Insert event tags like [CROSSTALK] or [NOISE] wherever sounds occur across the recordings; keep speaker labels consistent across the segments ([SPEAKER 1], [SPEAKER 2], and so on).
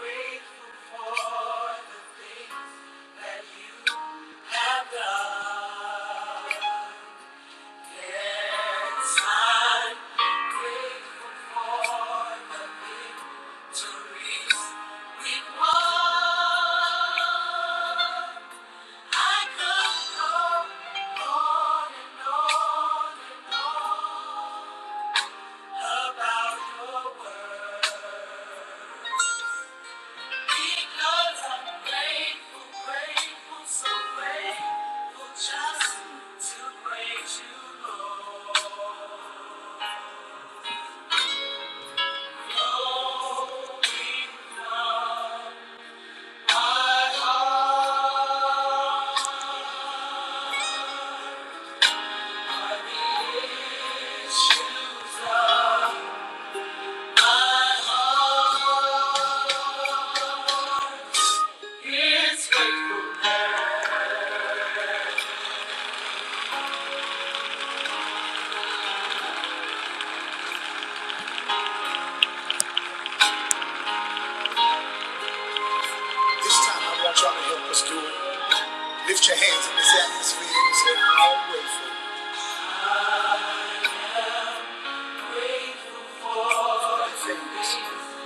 [SPEAKER 1] So grateful just to praise you, Lord. This time I want y'all to help us do it. Lift your hands in this atmosphere and say, I'm grateful Grateful for the things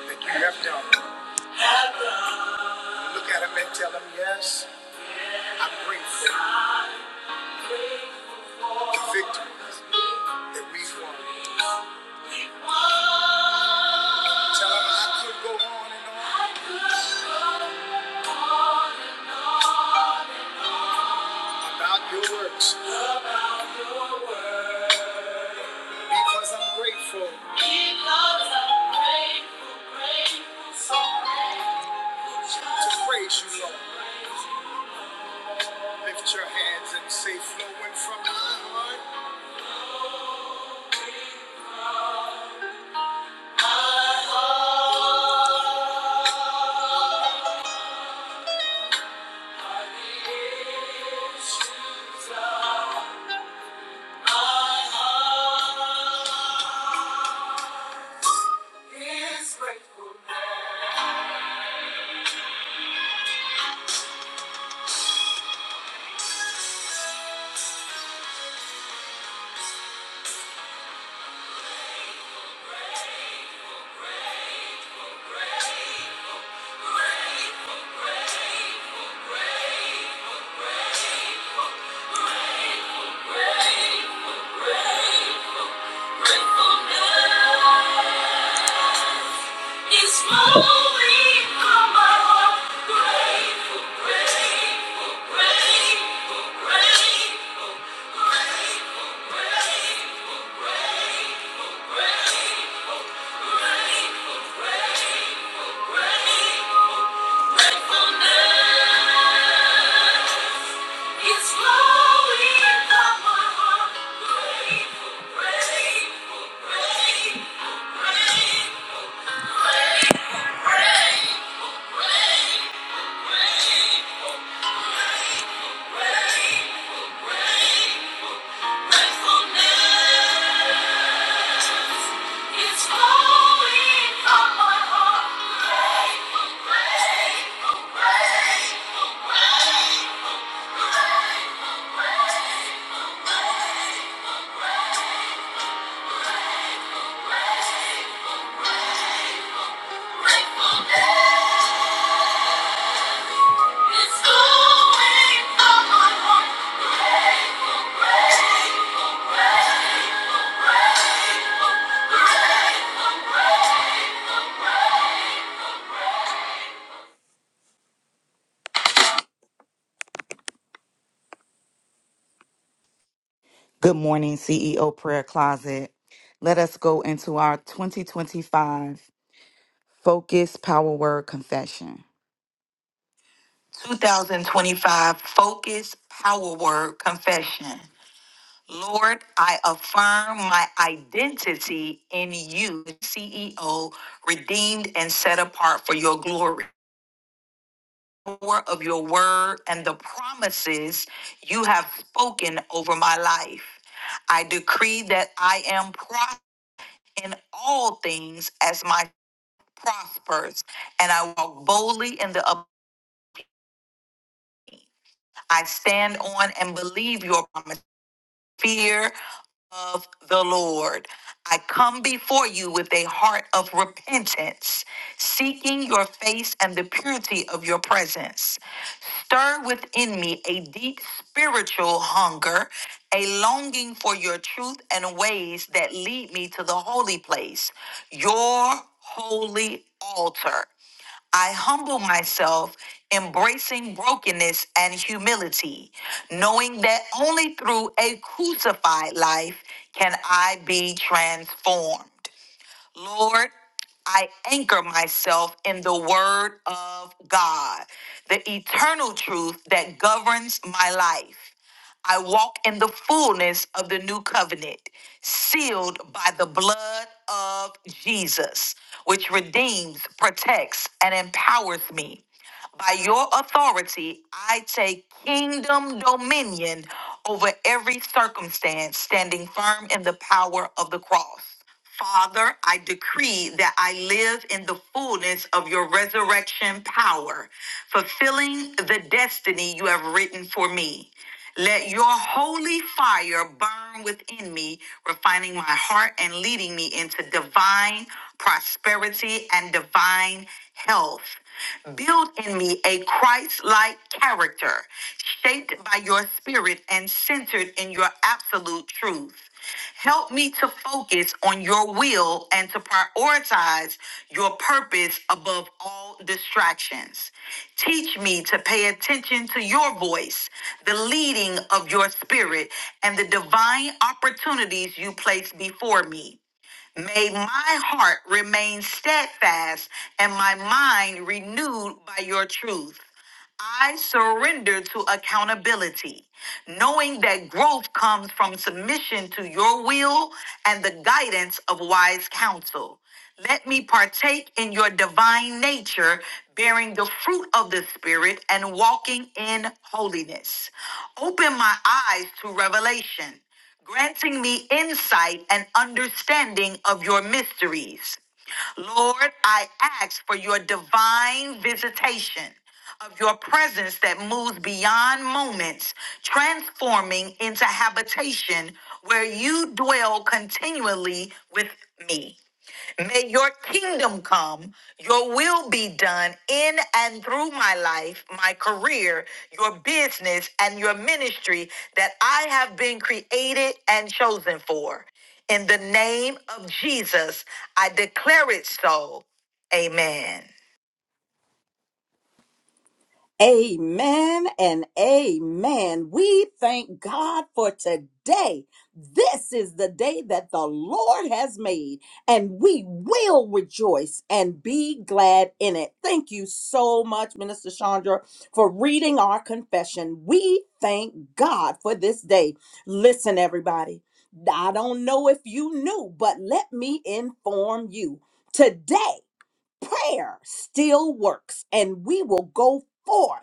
[SPEAKER 1] that you have done. Have done. Look at him and tell him yes. I bring forth the victories that we won. Tell them I could go on and on about your works because I'm grateful Because I'm grateful, grateful, so grateful. to praise you, Lord. Lift your hands and say, flowing from my heart. It's flowing from my heart. Great, grateful, great, grateful, grateful. It's flowing from my heart. Grateful, grateful, grateful, grateful, grateful. Grateful, grateful, grateful, grateful, grateful.
[SPEAKER 2] Good morning, CEO Prayer Closet. Let us go into our 2025 Focus Power Word Confession. 2025 Focus Power Word Confession. Lord, I affirm my identity in you, CEO, redeemed and set apart for your glory. Power of your and the promises you have spoken over my life. I decree that I am prosperous in all things as my prospers, and I walk boldly in the up- I stand on and believe your promise. Fear of the Lord. I come before you with a heart of repentance, seeking your face and the purity of your presence. Stir within me a deep spiritual hunger, a longing for your truth and ways that lead me to the holy place, your holy altar. I humble myself, embracing brokenness and humility, knowing that only through a crucified life can I be transformed. Lord, I anchor myself in the Word of God, the eternal truth that governs my life. I walk in the fullness of the new covenant, sealed by the blood of Jesus, which redeems, protects, and empowers me. By your authority, I take kingdom dominion over every circumstance, standing firm in the power of the cross. Father, I decree that I live in the fullness of your resurrection power, fulfilling the destiny you have written for me. Let your holy fire burn within me, refining my heart and leading me into divine prosperity and divine health. Build in me a Christ like character, shaped by your spirit and centered in your absolute truth. Help me to focus on your will and to prioritize your purpose above all distractions. Teach me to pay attention to your voice, the leading of your spirit, and the divine opportunities you place before me. May my heart remain steadfast and my mind renewed by your truth. I surrender to accountability, knowing that growth comes from submission to your will and the guidance of wise counsel. Let me partake in your divine nature, bearing the fruit of the Spirit and walking in holiness. Open my eyes to revelation, granting me insight and understanding of your mysteries. Lord, I ask for your divine visitation of your presence that moves beyond moments, transforming into habitation where you dwell continually with me. May your kingdom come, your will be done in and through my life, my career, your business, and your ministry that I have been created and chosen for. In the name of Jesus, I declare it so. Amen.
[SPEAKER 1] Amen and amen. We thank God for today. This is the day that the Lord has made, and we will rejoice and be glad in it. Thank you so much, Minister Chandra, for reading our confession. We thank God for this day. Listen, everybody, I don't know if you knew, but let me inform you. Today, prayer still works, and we will go forth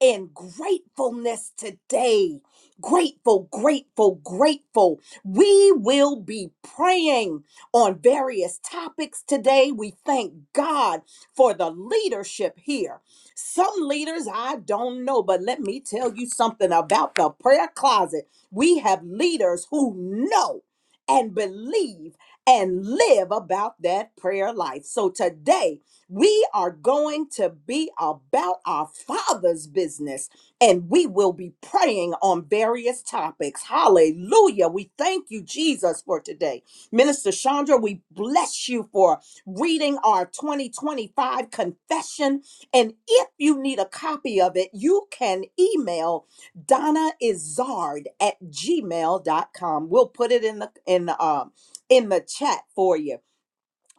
[SPEAKER 1] in gratefulness today. Grateful, grateful, grateful. We will be praying on various topics today. We thank God for the leadership here. Some leaders I don't know, but let me tell you something about the prayer closet. We have leaders who know and believe and live about that prayer life. So today, we are going to be about our Father's business and we will be praying on various topics. Hallelujah. We thank you, Jesus, for today. Minister Chandra, we bless you for reading our 2025 confession. And if you need a copy of it, you can email Donna Izard at gmail dot com. We'll put it in the in the um in the chat for you.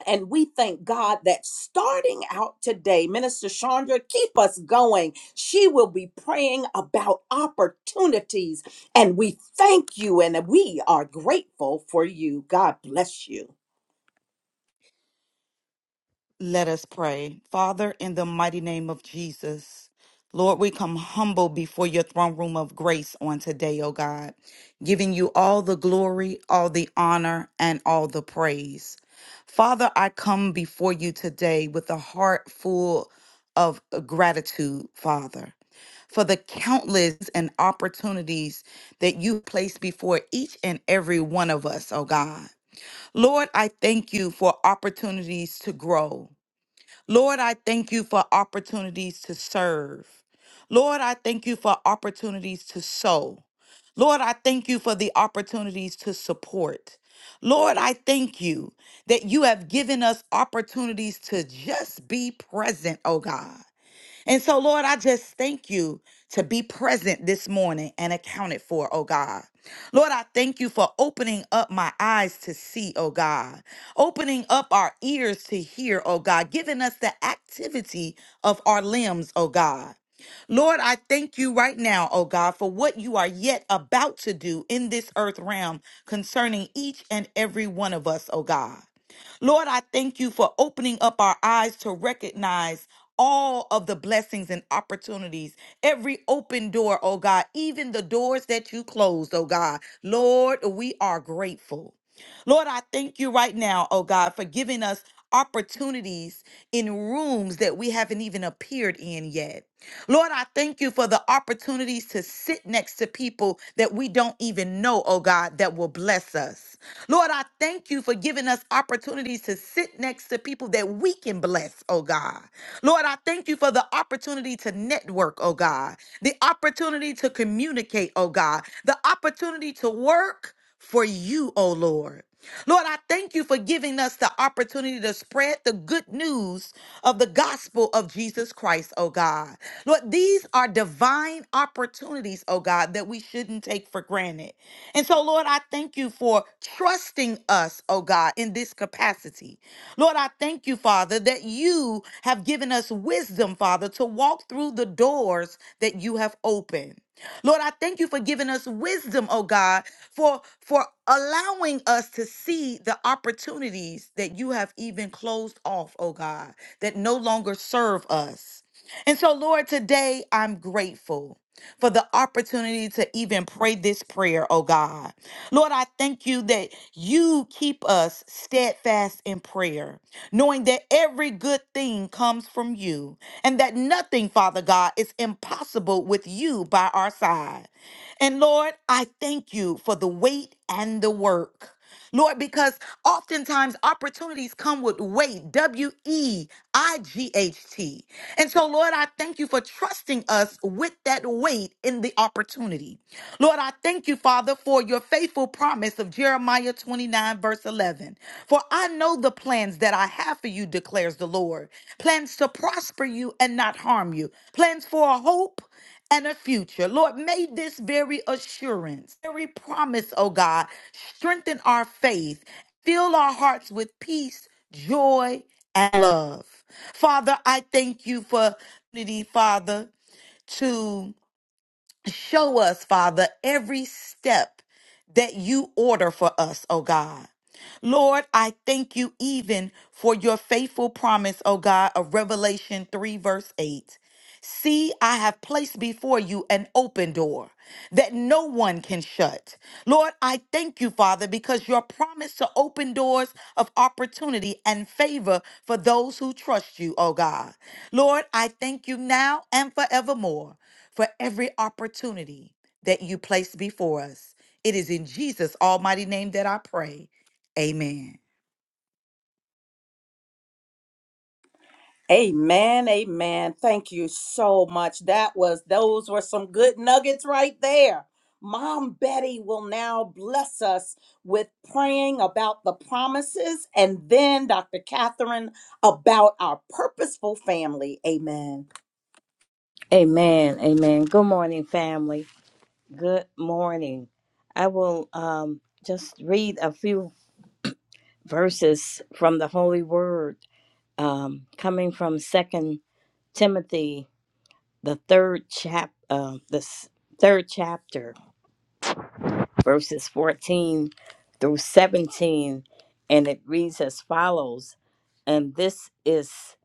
[SPEAKER 1] And we thank God that starting out today, Minister Chandra, keep us going. She will be praying about opportunities. And we thank you and we are grateful for you. God bless you.
[SPEAKER 2] Let us pray. Father, in the mighty name of Jesus, Lord, we come humble before your throne room of grace on today, O God, giving you all the glory, all the honor, and all the praise. Father, I come before you today with a heart full of gratitude, Father, for the countless and opportunities that you place before each and every one of us, oh God. Lord, I thank you for opportunities to grow. Lord, I thank you for opportunities to serve. Lord, I thank you for opportunities to sow. Lord, I thank you for the opportunities to support. Lord, I thank you that you have given us opportunities to just be present, oh God. And so, Lord, I just thank you to be present this morning and accounted for, oh God. Lord, I thank you for opening up my eyes to see, oh God, opening up our ears to hear, oh God, giving us the activity of our limbs, oh God. Lord, I thank you right now, oh God, for what you are yet about to do in this earth realm concerning each and every one of us, oh God. Lord, I thank you for opening up our eyes to recognize all of the blessings and opportunities, every open door, oh God, even the doors that you closed, oh God. Lord, we are grateful. Lord, I thank you right now, oh God, for giving us opportunities in rooms that we haven't even appeared in yet. Lord, I thank you for the opportunities to sit next to people that we don't even know, oh God, that will bless us. Lord, I thank you for giving us opportunities to sit next to people that we can bless, oh God. Lord, I thank you for the opportunity to network, oh God, the opportunity to communicate, oh God, the opportunity to work for you, oh Lord. Lord, I thank you for giving us the opportunity to spread the good news of the gospel of Jesus Christ, oh God. Lord, these are divine opportunities, oh God, that we shouldn't take for granted. And so, Lord, I thank you for trusting us, oh God, in this capacity. Lord, I thank you, Father, that you have given us wisdom, Father, to walk through the doors that you have opened. Lord, I thank you for giving us wisdom, oh God, for for allowing us to see the opportunities that you have even closed off, oh God, that no longer serve us. And so, Lord, today I'm grateful for the opportunity to even pray this prayer, oh God. Lord, I thank you that you keep us steadfast in prayer, knowing that every good thing comes from you and that nothing, Father God, is impossible with you by our side. And Lord, I thank you for the weight and the work. Lord, because oftentimes opportunities come with weight, W E I G H T. And so, Lord, I thank you for trusting us with that weight in the opportunity. Lord, I thank you, Father, for your faithful promise of Jeremiah 29, verse 11. For I know the plans that I have for you, declares the Lord plans to prosper you and not harm you, plans for a hope and a future. Lord, may this very assurance, very promise, oh God, strengthen our faith, fill our hearts with peace, joy, and love. Father, I thank you for unity, Father, to show us, Father, every step that you order for us, oh God. Lord, I thank you even for your faithful promise, oh God, of Revelation 3, verse 8. See, I have placed before you an open door that no one can shut. Lord, I thank you, Father, because your promise to open doors of opportunity and favor for those who trust you, oh God. Lord, I thank you now and forevermore for every opportunity that you place before us. It is in Jesus' almighty name that I pray. Amen.
[SPEAKER 1] Amen, amen. Thank you so much. That was those were some good nuggets right there. Mom Betty will now bless us with praying about the promises and then Dr. Catherine about our purposeful family. Amen.
[SPEAKER 3] Amen. Amen. Good morning, family. Good morning. I will um, just read a few verses from the Holy Word, um, coming from Second Timothy, the third chap, uh, the s- third chapter, verses fourteen through seventeen, and it reads as follows. And this is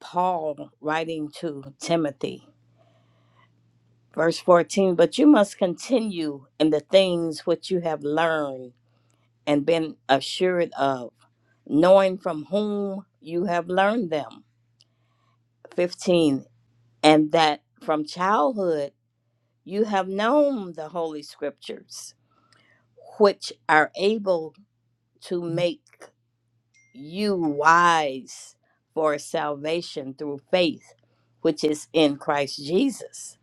[SPEAKER 3] Paul writing to Timothy. Verse 14, but you must continue in the things which you have learned and been assured of, knowing from whom you have learned them. 15, and that from childhood you have known the Holy Scriptures, which are able to make you wise for salvation through faith, which is in Christ Jesus.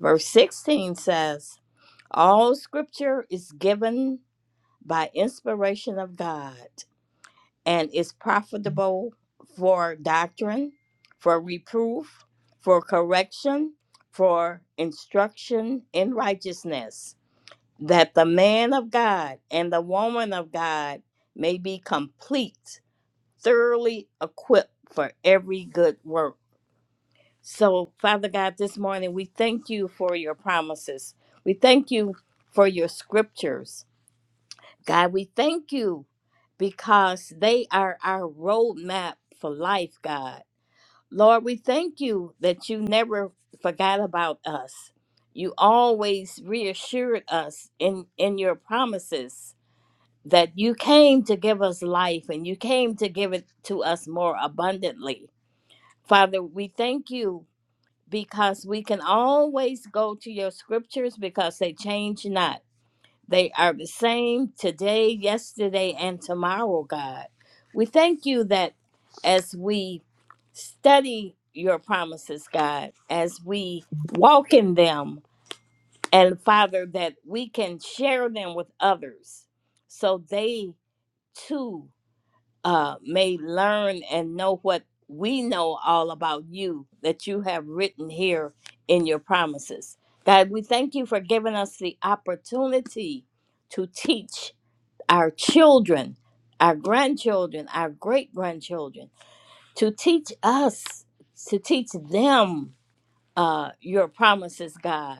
[SPEAKER 3] Verse 16 says, All scripture is given by inspiration of God and is profitable for doctrine, for reproof, for correction, for instruction in righteousness, that the man of God and the woman of God may be complete thoroughly equipped for every good work. So, Father God, this morning we thank you for your promises. We thank you for your scriptures. God, we thank you because they are our roadmap for life, God. Lord, we thank you that you never forgot about us. You always reassured us in, in your promises that you came to give us life and you came to give it to us more abundantly. Father, we thank you because we can always go to your scriptures because they change not. They are the same today, yesterday, and tomorrow, God. We thank you that as we study your promises, God, as we walk in them, and Father, that we can share them with others so they too uh, may learn and know what we know all about you that you have written here in your promises. God, we thank you for giving us the opportunity to teach our children, our grandchildren, our great grandchildren, to teach us, to teach them uh, your promises, God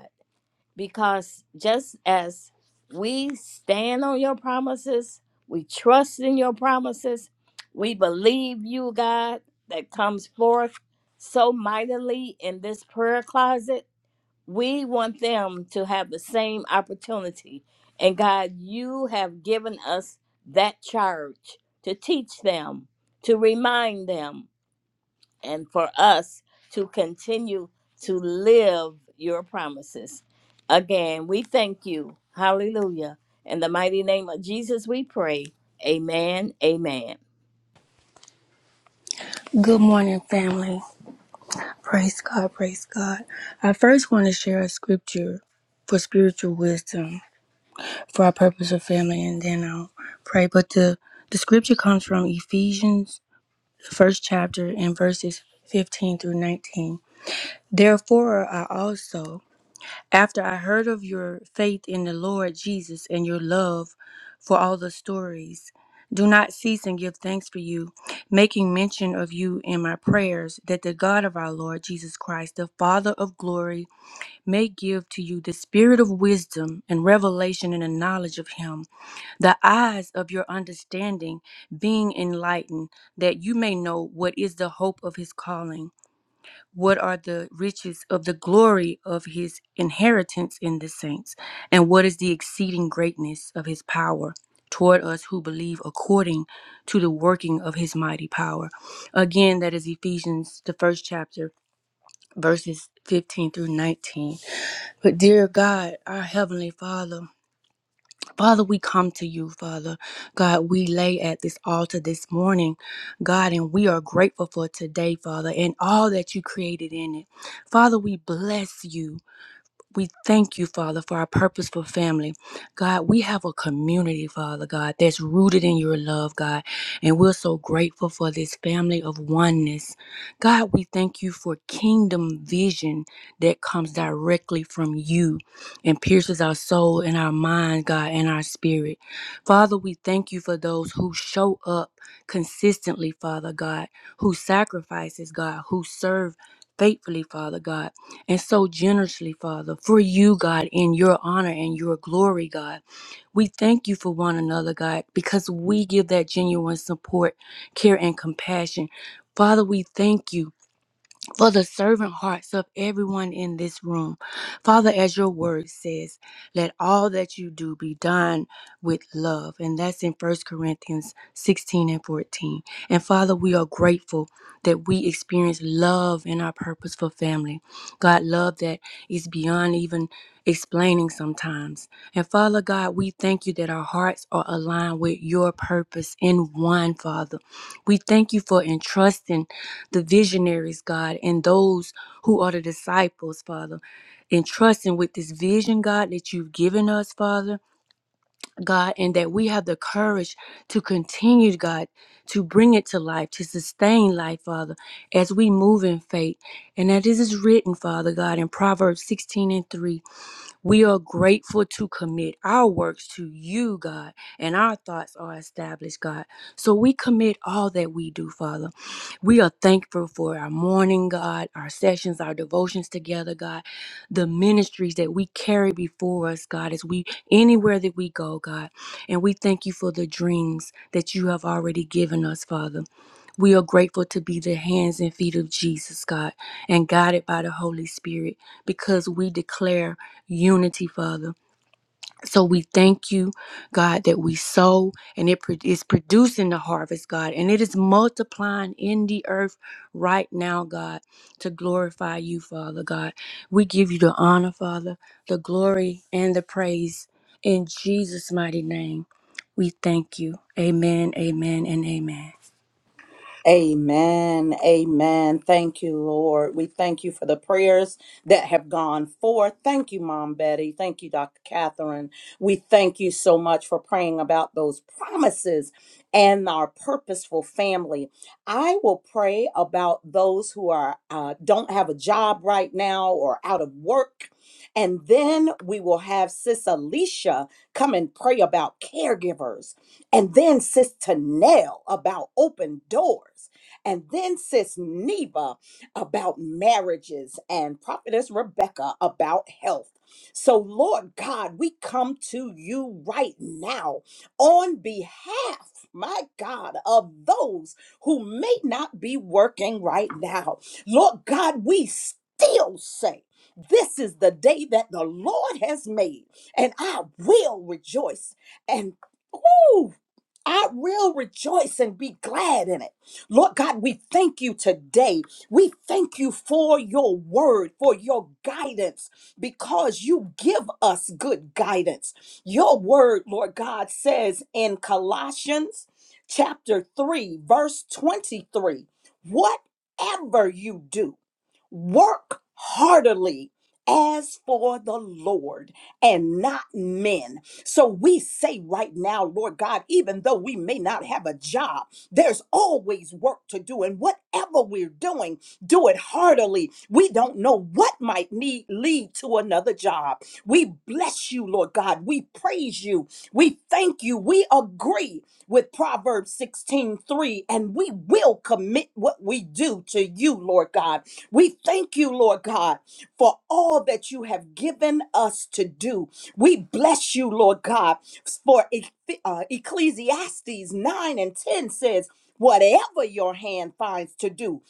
[SPEAKER 3] because just as we stand on your promises, we trust in your promises, we believe you, God, that comes forth so mightily in this prayer closet. We want them to have the same opportunity. And God, you have given us that charge to teach them, to remind them and for us to continue to live your promises. Again, we thank you. Hallelujah. In the mighty name of Jesus, we pray. Amen. Amen.
[SPEAKER 4] Good morning, family. Praise God, praise God. I first want to share a scripture for spiritual wisdom for our purpose of family, and then I'll pray. But the, the scripture comes from Ephesians, the first chapter, and verses 15 through 19. Therefore, I also. After I heard of your faith in the Lord Jesus and your love for all the stories, do not cease and give thanks for you, making mention of you in my prayers, that the God of our Lord Jesus Christ, the Father of glory, may give to you the spirit of wisdom and revelation in the knowledge of him the eyes of your understanding being enlightened, that you may know what is the hope of his calling what are the riches of the glory of his inheritance in the saints? And what is the exceeding greatness of his power toward us who believe according to the working of his mighty power? Again, that is Ephesians, the first chapter, verses 15 through 19. But dear God, our Heavenly Father, Father, we come to you, Father. God, we lay at this altar this morning, God, and we are grateful for today, Father, and all that you created in it. Father, we bless you. We thank you, Father, for our purposeful family. God, we have a community, Father God, that's rooted in your love, God. And we're so grateful for this family of oneness. God, we thank you for kingdom vision that comes directly from you and pierces our soul and our mind, God, and our spirit. Father, we thank you for those who show up consistently, Father God, who sacrifices, God, who serve faithfully, Father God and so generously, Father, for you, God, in your honor and your glory, God. We thank you for one another, God, because we give that genuine support, care, and compassion. Father, we thank you for the servant hearts of everyone in this room. Father, as your word says, let all that you do be done with love. And that's in First Corinthians 16 and 14. And Father, we are grateful that we experience love in our purpose for family. God, love that is beyond even explaining sometimes. And Father God, we thank you that our hearts are aligned with your purpose in one, Father. We thank you for entrusting the visionaries, God, and those who are the disciples, Father, and trusting with this vision, God, that you've given us, Father, God, and that we have the courage to continue, God, to bring it to life, to sustain life, Father, as we move in faith. And that this is written, Father God, in Proverbs 16 and 3. We are grateful to commit our works to you, God, and our thoughts are established, God. So we commit all that we do, Father. We are thankful for our morning, God, our sessions, our devotions together, God, the ministries that we carry before us, God, as we anywhere that we go, God. And we thank you for the dreams that you have already given us, Father. We are grateful to be the hands and feet of Jesus, God, and guided by the Holy Spirit because we declare unity, Father. So we thank you, God, that we sow and it pro- is producing the harvest, God, and it is multiplying in the earth right now, God, to glorify you, Father, God. We give you the honor, Father, the glory, and the praise in Jesus' mighty name. We thank you. Amen, amen, and amen.
[SPEAKER 1] Amen. Amen. Thank you, Lord. We thank you for the prayers that have gone forth. Thank you, Mom Betty. Thank you, Dr. Catherine. We thank you so much for praying about those promises and our purposeful family. I will pray about those who are uh, don't have a job right now or out of work. And then we will have Sis Alicia come and pray about caregivers. And then Sis Tanel about open doors. And then Sis Neva about marriages and Prophetess Rebecca about health. So, Lord God, we come to you right now on behalf, my God, of those who may not be working right now. Lord God, we still say, this is the day that the Lord has made, and I will rejoice Woo! I will rejoice and be glad in it. Lord God, we thank you today. We thank you for your word, for your guidance, because you give us good guidance. Your word, Lord God, says in Colossians chapter 3, verse 23, whatever you do. Work heartily as for the Lord and not men. So we say right now, Lord God, even though we may not have a job, there's always work to do. And whatever we're doing, do it heartily. We don't know what might need lead to another job. We bless you, Lord God. We praise you. We thank you. We agree with Proverbs 16 3, and we will commit what we do to you, Lord God. We thank you, Lord God, for all that you have given us to do. We bless you, Lord God, for Ecc- uh, Ecclesiastes 9 and 10 says, Whatever your hand finds to do,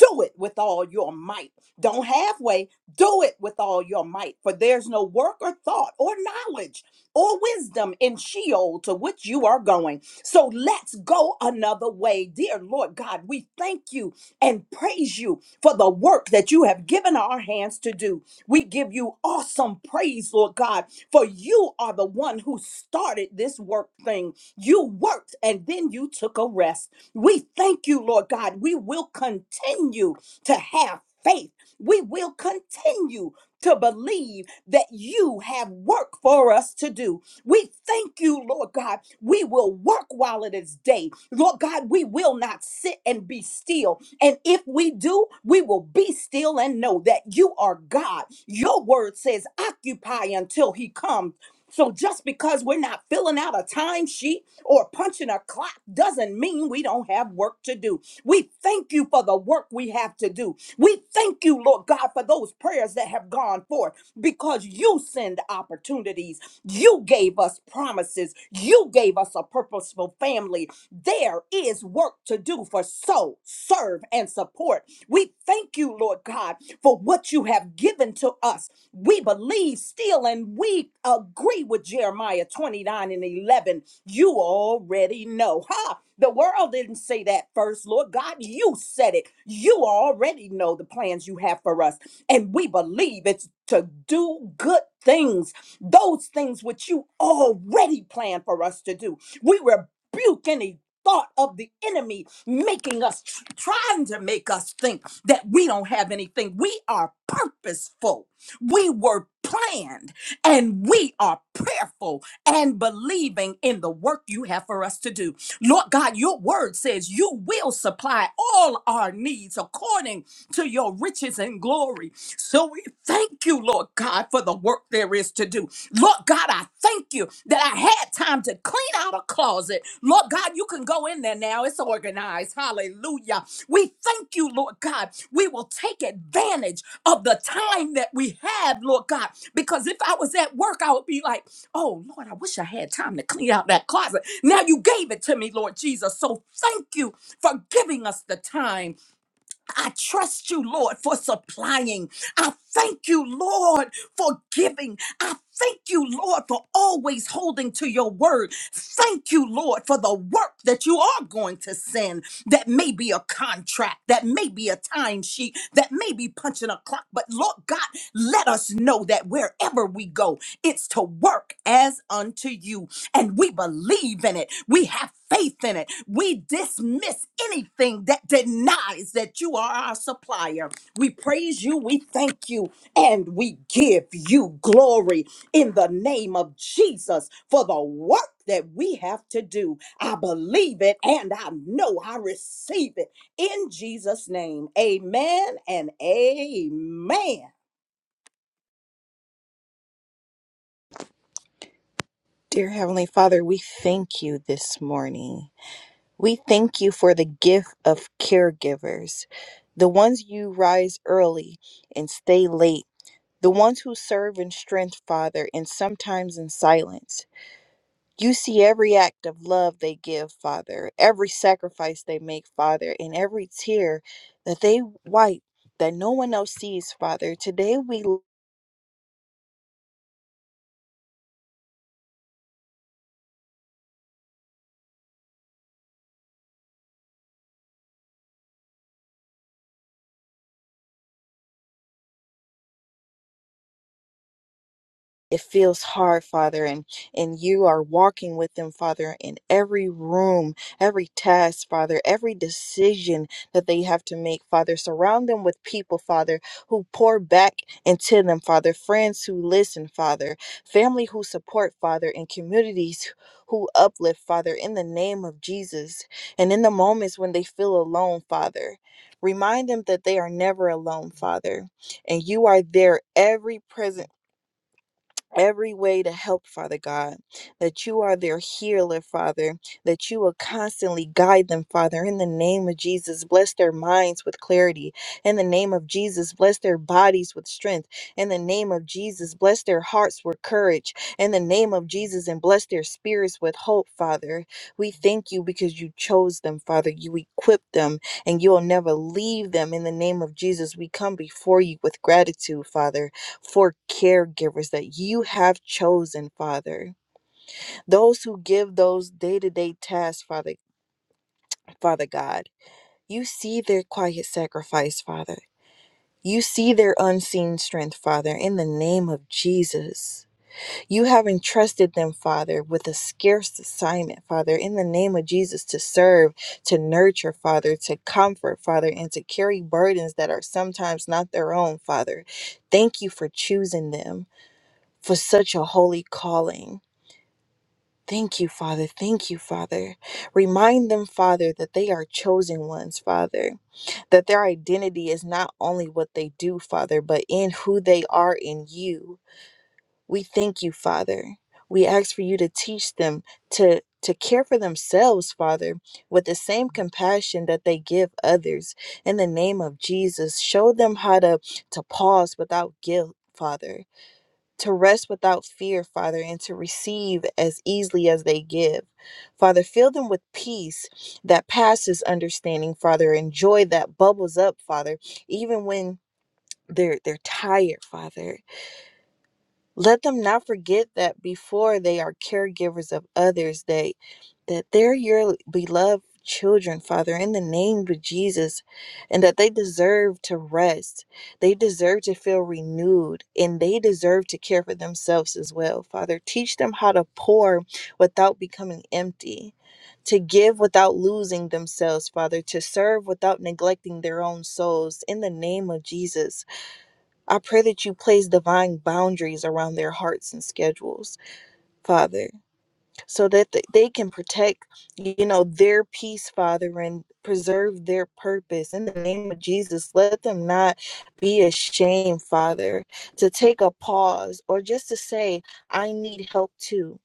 [SPEAKER 1] do it with all your might. Don't halfway, do it with all your might, for there's no work or thought or knowledge or wisdom in Sheol to which you are going. So let's go another way. Dear Lord God, we thank you and praise you for the work that you have given our hands to do. We give you awesome praise, Lord God, for you are the one who started this work thing. You worked and then you took a rest. We thank you, Lord God. We will continue to have faith. We will continue to believe that you have work for us to do. We thank you, Lord God. We will work while it is day. Lord God, we will not sit and be still. And if we do, we will be still and know that you are God. Your word says, occupy until he comes. So just because we're not filling out a timesheet or punching a clock doesn't mean we don't have work to do. We thank you for the work we have to do. We thank you, Lord God, for those prayers that have gone forth because you send opportunities. You gave us promises. You gave us a purposeful family. There is work to do for sow, serve, and support. We thank you, Lord God, for what you have given to us. We believe still and we agree with Jeremiah 29 and 11. You already know. Ha! The world didn't say that first, Lord God. You said it. You already know the plans you have for us. And we believe it's to do good things those things which you already planned for us to do. We rebuke any thought of the enemy making us trying to make us think that we don't have anything we are purposeful we were planned and we are prayerful and believing in the work you have for us to do. Lord God, your word says you will supply all our needs according to your riches and glory. So we thank you, Lord God, for the work there is to do. Lord God, I thank you that I had time to clean out a closet. Lord God, you could you can go in there now. It's organized. Hallelujah. We thank you, Lord God. We will take advantage of the time that we have, Lord God. Because if I was at work, I would be like, oh, Lord, I wish I had time to clean out that closet. Now you gave it to me, Lord Jesus. So thank you for giving us the time I trust you, Lord, for supplying. I thank you, Lord, for giving. I thank you, Lord, for always holding to your word. Thank you, Lord, for the work that you are going to send. That may be a contract, that may be a timesheet, that may be punching a clock. But Lord God, let us know that wherever we go, it's to work as unto you and we believe in it. We have faith in it. We dismiss anything that denies that you are our supplier. We praise you, we thank you, and we give you glory in the name of Jesus for the work that we have to do. I believe it and I know I receive it in Jesus' name. Amen and amen.
[SPEAKER 5] Dear Heavenly Father, we thank you this morning. We thank you for the gift of caregivers, the ones you rise early and stay late, the ones who serve in strength, Father, and sometimes in silence. You see every act of love they give, Father, every sacrifice they make, Father, and every tear that they wipe that no one else sees, Father. Today we it feels hard father and and you are walking with them father in every room every task father every decision that they have to make father surround them with people father who pour back into them father friends who listen father family who support father and communities who uplift father in the name of jesus and in the moments when they feel alone father remind them that they are never alone father and you are there every present every way to help, Father God, that you are their healer, Father, that you will constantly guide them, Father, in the name of Jesus. Bless their minds with clarity. In the name of Jesus, bless their bodies with strength. In the name of Jesus, bless their hearts with courage. In the name of Jesus, and bless their spirits with hope, Father. We thank you because you chose them, Father. You equipped them, and you will never leave them. In the name of Jesus, we come before you with gratitude, Father for caregivers that you have chosen, Father. Those who give those day-to-day tasks, Father, Father God. You see their quiet sacrifice, Father. You see their unseen strength, Father, in the name of Jesus. You have entrusted them, Father, with a scarce assignment, Father, in the name of Jesus, to serve, to nurture, Father, to comfort, Father, and to carry burdens that are sometimes not their own, Father. Thank you for choosing them. for such a holy calling. Thank you, Father. Thank you, Father. Remind them, Father, that they are chosen ones, Father, that their identity is not only what they do, Father, but in who they are in you. We thank you, Father. We ask for you to teach them to to care for themselves, Father, with the same compassion that they give others. In the name of Jesus, show them how to to pause without guilt, Father to rest without fear, Father, and to receive as easily as they give. Father, fill them with peace that passes understanding, Father, and joy that bubbles up, Father, even when they're they're tired, Father let them not forget that before they are caregivers of others they that they're your beloved children father in the name of jesus and that they deserve to rest they deserve to feel renewed and they deserve to care for themselves as well father teach them how to pour without becoming empty to give without losing themselves father to serve without neglecting their own souls in the name of jesus I pray that you place divine boundaries around their hearts and schedules, Father, so that th- they can protect, you know, their peace, Father, and preserve their purpose. In the name of Jesus, let them not be ashamed, Father, to take a pause or just to say, I need help too.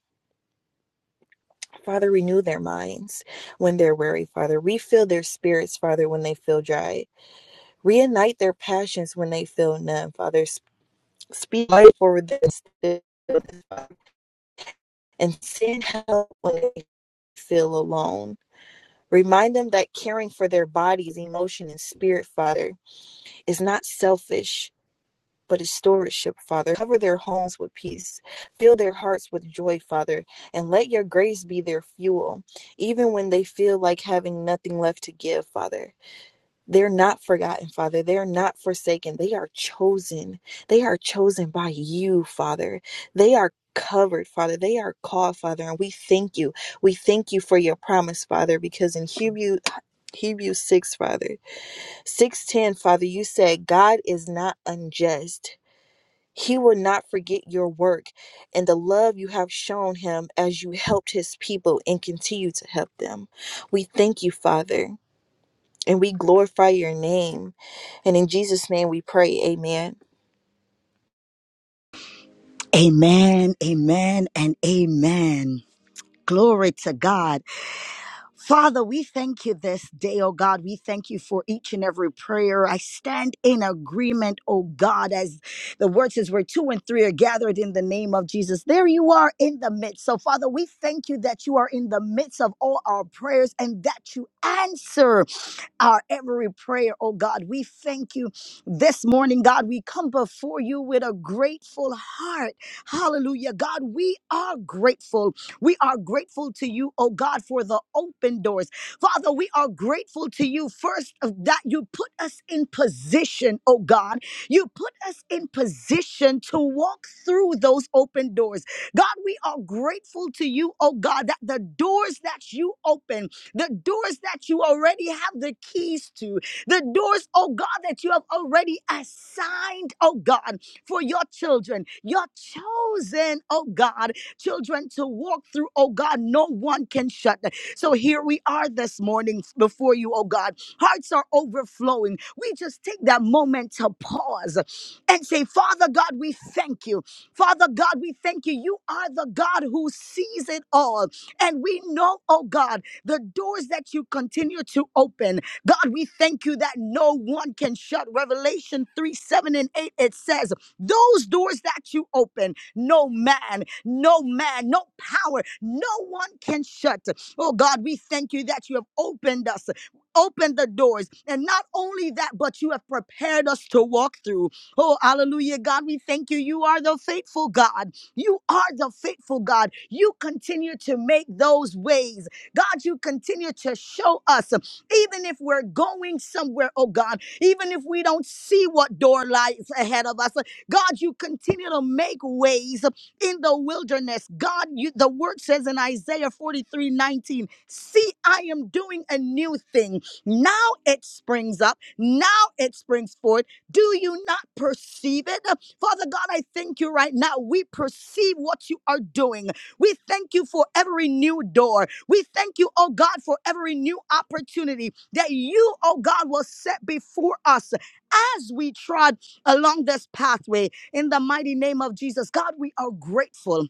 [SPEAKER 5] Father, renew their minds when they're weary, Father. Refill their spirits, Father, when they feel dry. Reignite their passions when they feel numb, Father speak life for this and send help when they feel alone. Remind them that caring for their bodies, emotion, and spirit, Father, is not selfish, but is stewardship, Father. Cover their homes with peace. Fill their hearts with joy, Father, and let your grace be their fuel, even when they feel like having nothing left to give, Father. They're not forgotten, Father. They're not forsaken. They are chosen. They are chosen by you, Father. They are covered, Father. They are called, Father. And we thank you. We thank you for your promise, Father, because in Hebrew, Hebrews 6, Father, 610, Father, you said, God is not unjust. He will not forget your work and the love you have shown him as you helped his people and continue to help them. We thank you, Father and we glorify your name. And in Jesus' name we pray, amen.
[SPEAKER 6] Amen, amen, and amen. Glory to God. Father, we thank you this day, oh God. We thank you for each and every prayer. I stand in agreement, oh God, as the word says, where two and three are gathered in the name of Jesus. There you are in the midst. So, Father, we thank you that you are in the midst of all our prayers and that you answer our every prayer, oh God. We thank you this morning, God. We come before you with a grateful heart. Hallelujah. God, we are grateful. We are grateful to you, oh God, for the open doors. Father, we are grateful to you first of that you put us in position, oh God. You put us in position to walk through those open doors. God, we are grateful to you, oh God, that the doors that you open the doors that you already have the keys to, the doors, oh God, that you have already assigned, oh God, for your children, your chosen, oh God, children to walk through, oh God, no one can shut. So here we are this morning before you, oh God. Hearts are overflowing. We just take that moment to pause and say, Father God, we thank you. Father God, we thank you. You are the God who sees it all. And we know, oh God, the doors that you continue to open. God, we thank you that no one can shut. Revelation 3 7 and 8, it says, Those doors that you open, no man, no man, no power, no one can shut. Oh God, we thank you that you have opened us. opened the doors, and not only that, but you have prepared us to walk through. Oh, hallelujah, God, we thank you. You are the faithful God. You are the faithful God. You continue to make those ways. God, you continue to show us, uh, even if we're going somewhere, oh God, even if we don't see what door lies ahead of us, uh, God, you continue to make ways uh, in the wilderness. God, you, the word says in Isaiah 43 19. see, I am doing a new thing. Now it springs up, now it springs forth. Do you not perceive it? Father God, I thank you right now. We perceive what you are doing. We thank you for every new door. We thank you, oh God, for every new opportunity that you, oh God, will set before us as we trod along this pathway. In the mighty name of Jesus, God, we are grateful.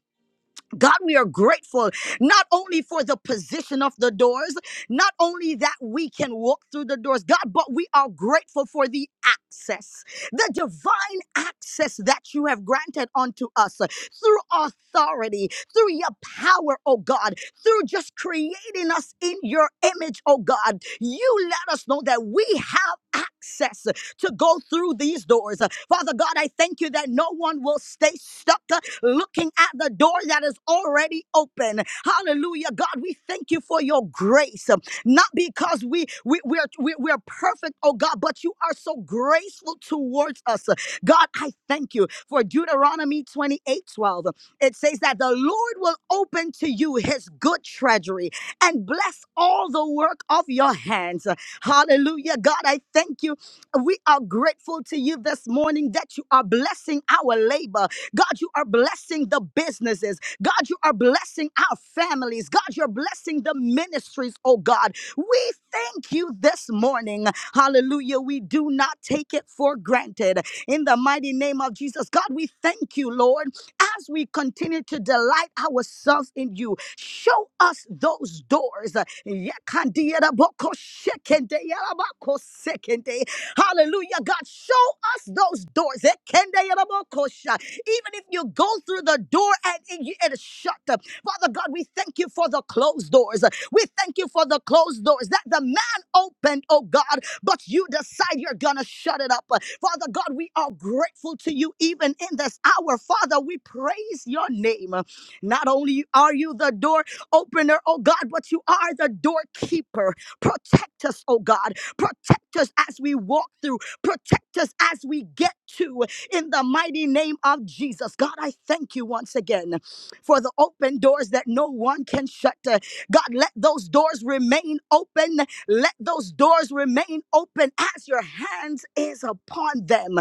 [SPEAKER 6] God, we are grateful not only for the position of the doors, not only that we can walk through the doors, God, but we are grateful for the access, the divine access that you have granted unto us through authority, through your power, oh God, through just creating us in your image, oh God. You let us know that we have access to go through these doors. Father God, I thank you that no one will stay stuck looking at the door that is already open. Hallelujah. God, we thank you for your grace. Not because we, we, we're, we, we're perfect, oh God, but you are so graceful towards us. God, I thank you for Deuteronomy 28 12. It says that the Lord will open to you his good treasury and bless all the work of your hands. Hallelujah. God, I thank you. We are grateful to you this morning that you are blessing our labor. God, you are blessing the businesses. God, you are blessing our families. God, you're blessing the ministries, oh God. We thank you this morning. Hallelujah. We do not take it for granted. In the mighty name of Jesus, God, we thank you, Lord, as we continue to delight ourselves in you. Show us those doors. Yakandiyeraboko shekende, yarabako sekende. Hallelujah. God, show us those doors. Ekendeyelabokosha. Even if you go through the door and it, it is shut, Father God, we thank you for the closed doors. We thank you for the closed doors that the man opened, oh God, but you decide you're going to shut it up. Father God, we are grateful to you even in this hour. Father, we praise your name. Not only are you the door opener, oh God, but you are the doorkeeper. Protect us, oh God. Protect us as we walk through. Protect us as we get to. In the mighty name of Jesus. God, I thank you once again for the open doors that no one can shut. Uh, God, let those doors remain open. Let those doors remain open as your hands is upon them.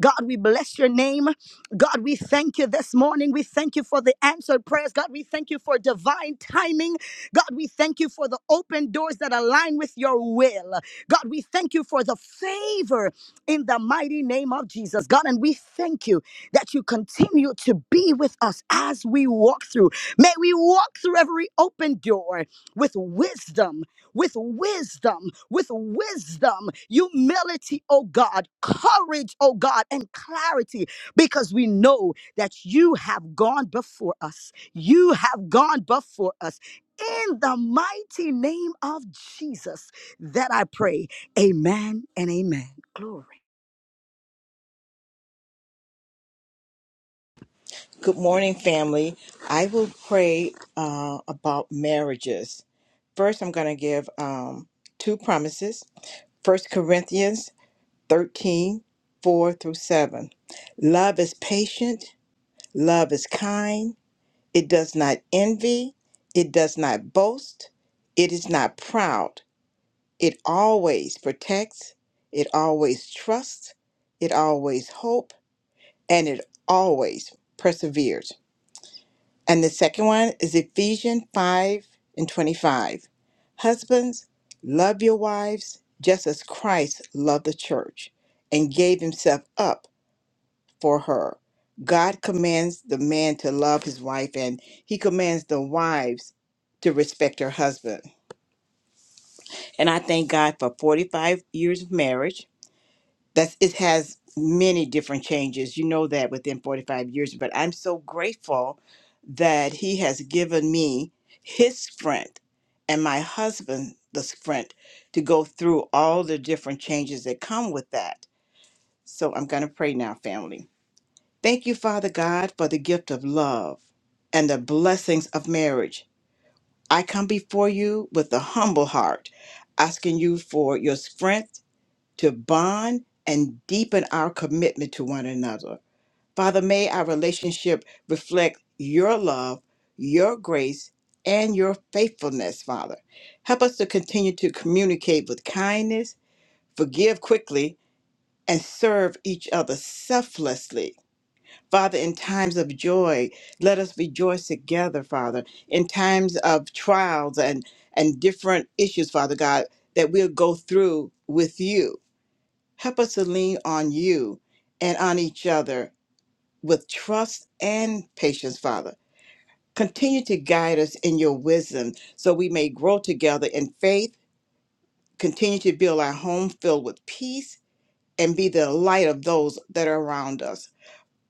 [SPEAKER 6] God, we bless your name. God, we thank you this morning. We thank you for the answered prayers. God, we thank you for divine timing. God, we thank you for the open doors that align with your will. God, we thank you for the favor in the mighty name of Jesus, God. And we thank you that you continue to be with us as we walk through. May we walk through every open door with wisdom, with wisdom, with wisdom, humility, oh God, courage, oh God, and clarity, because we know that you have gone before us. You have gone before us. In the mighty name of Jesus. That I pray. Amen and amen. Glory.
[SPEAKER 7] Good morning, family. I will pray uh, about marriages. First, I'm going to give um, two promises. First Corinthians 13, 4 through 7. Love is patient, love is kind, it does not envy, it does not boast, it is not proud, it always protects, it always trusts, it always hopes, and it always perseveres. And the second one is Ephesians 5 and 25. Husbands, love your wives just as Christ loved the church and gave himself up for her. God commands the man to love his wife, and he commands the wives to respect her husband. And I thank God for 45 years of marriage that's it has many different changes you know that within 45 years but i'm so grateful that he has given me his strength and my husband the strength to go through all the different changes that come with that so i'm going to pray now family thank you father god for the gift of love and the blessings of marriage i come before you with a humble heart asking you for your strength to bond and deepen our commitment to one another. Father, may our relationship reflect your love, your grace, and your faithfulness, Father. Help us to continue to communicate with kindness, forgive quickly, and serve each other selflessly. Father, in times of joy, let us rejoice together, Father. In times of trials and, and different issues, Father God, that we'll go through with you. Help us to lean on you and on each other with trust and patience, Father. Continue to guide us in your wisdom so we may grow together in faith, continue to build our home filled with peace, and be the light of those that are around us.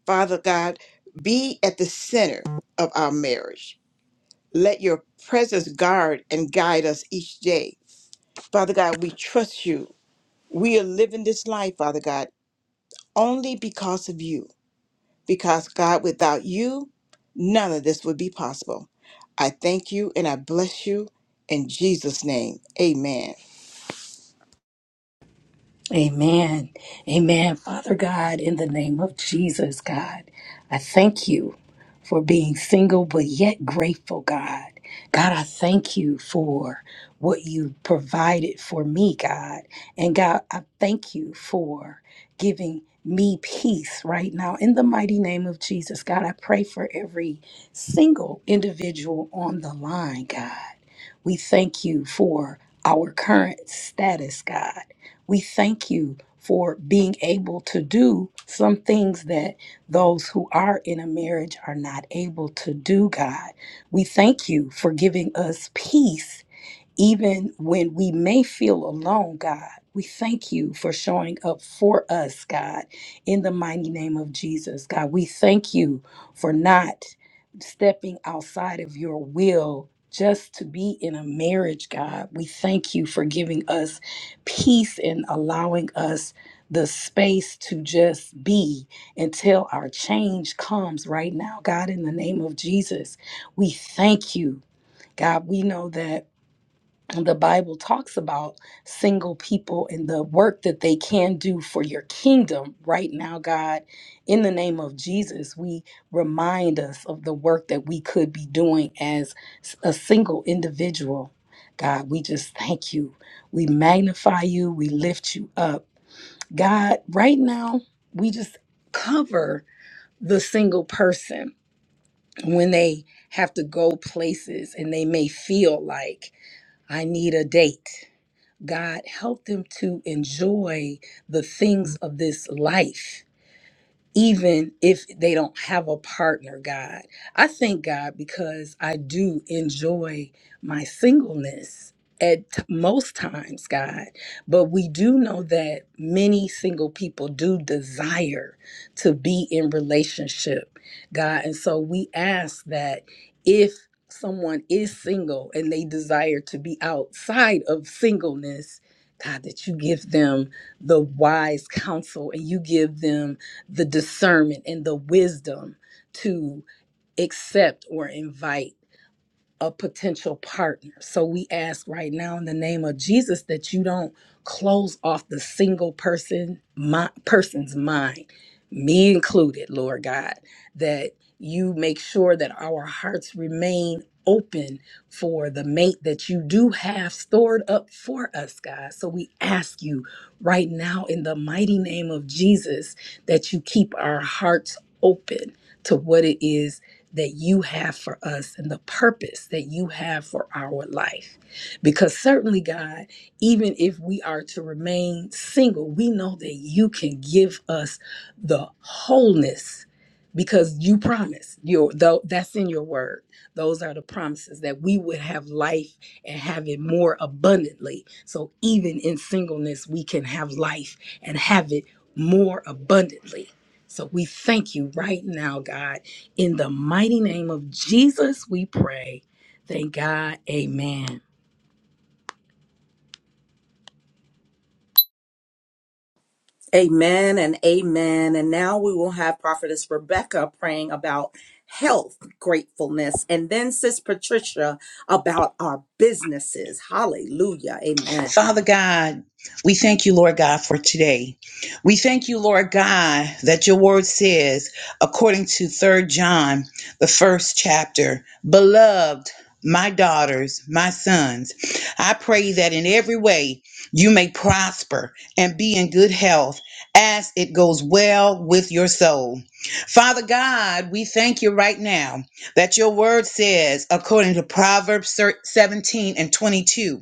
[SPEAKER 7] Father God, be at the center of our marriage. Let your presence guard and guide us each day. Father God, we trust you. We are living this life, Father God, only because of you. because God, without you, none of this would be possible. I thank you and I bless you in Jesus' name. Amen.
[SPEAKER 8] Amen. Amen. Father God, in the name of Jesus, God, I thank you for being single but yet grateful, God. God, I thank you for what you provided for me, God. And God, I thank you for giving me peace right now in the mighty name of Jesus. God, I pray for every single individual on the line, God. We thank you for our current status, God. We thank you for being able to do some things that those who are in a marriage are not able to do, God. We thank you for giving us peace even when we may feel alone, God, we thank you for showing up for us, God, in the mighty name of Jesus. God, we thank you for not stepping outside of your will just to be in a marriage, God. We thank you for giving us peace and allowing us the space to just be until our change comes right now, God, in the name of Jesus. We thank you. God, we know that the Bible talks about single people and the work that they can do for your kingdom right now, God. In the name of Jesus, we remind us of the work that we could be doing as s- a single individual. God, we just thank you. We magnify you. We lift you up. God, right now, we just cover the single person when they have to go places and they may feel like, I need a date. God, help them to enjoy the things of this life even if they don't have a partner, God. I thank God because I do enjoy my singleness at t- most times, God. But we do know that many single people do desire to be in relationship, God. And so we ask that if someone is single and they desire to be outside of singleness, God, that you give them the wise counsel and you give them the discernment and the wisdom to accept or invite a potential partner. So we ask right now in the name of Jesus that you don't close off the single person my, person's mind, me included, Lord God, that you make sure that our hearts remain open for the mate that you do have stored up for us, God. So we ask you right now in the mighty name of Jesus that you keep our hearts open to what it is that you have for us and the purpose that you have for our life. Because certainly, God, even if we are to remain single, we know that you can give us the wholeness because you promise your though that's in your word those are the promises that we would have life and have it more abundantly so even in singleness we can have life and have it more abundantly so we thank you right now god in the mighty name of Jesus, we pray. Thank God. Amen.
[SPEAKER 1] Amen and amen. And now we will have Prophetess Rebecca praying about health, gratefulness, and then Sis Patricia about our businesses. Hallelujah. Amen.
[SPEAKER 9] Father God, we thank you, Lord God, for today. We thank you, Lord God, that your word says, according to Third John, the first chapter, beloved, my daughters, my sons, I pray that in every way you may prosper and be in good health as it goes well with your soul. Father God, we thank you right now that your word says, according to Proverbs 17 and 22,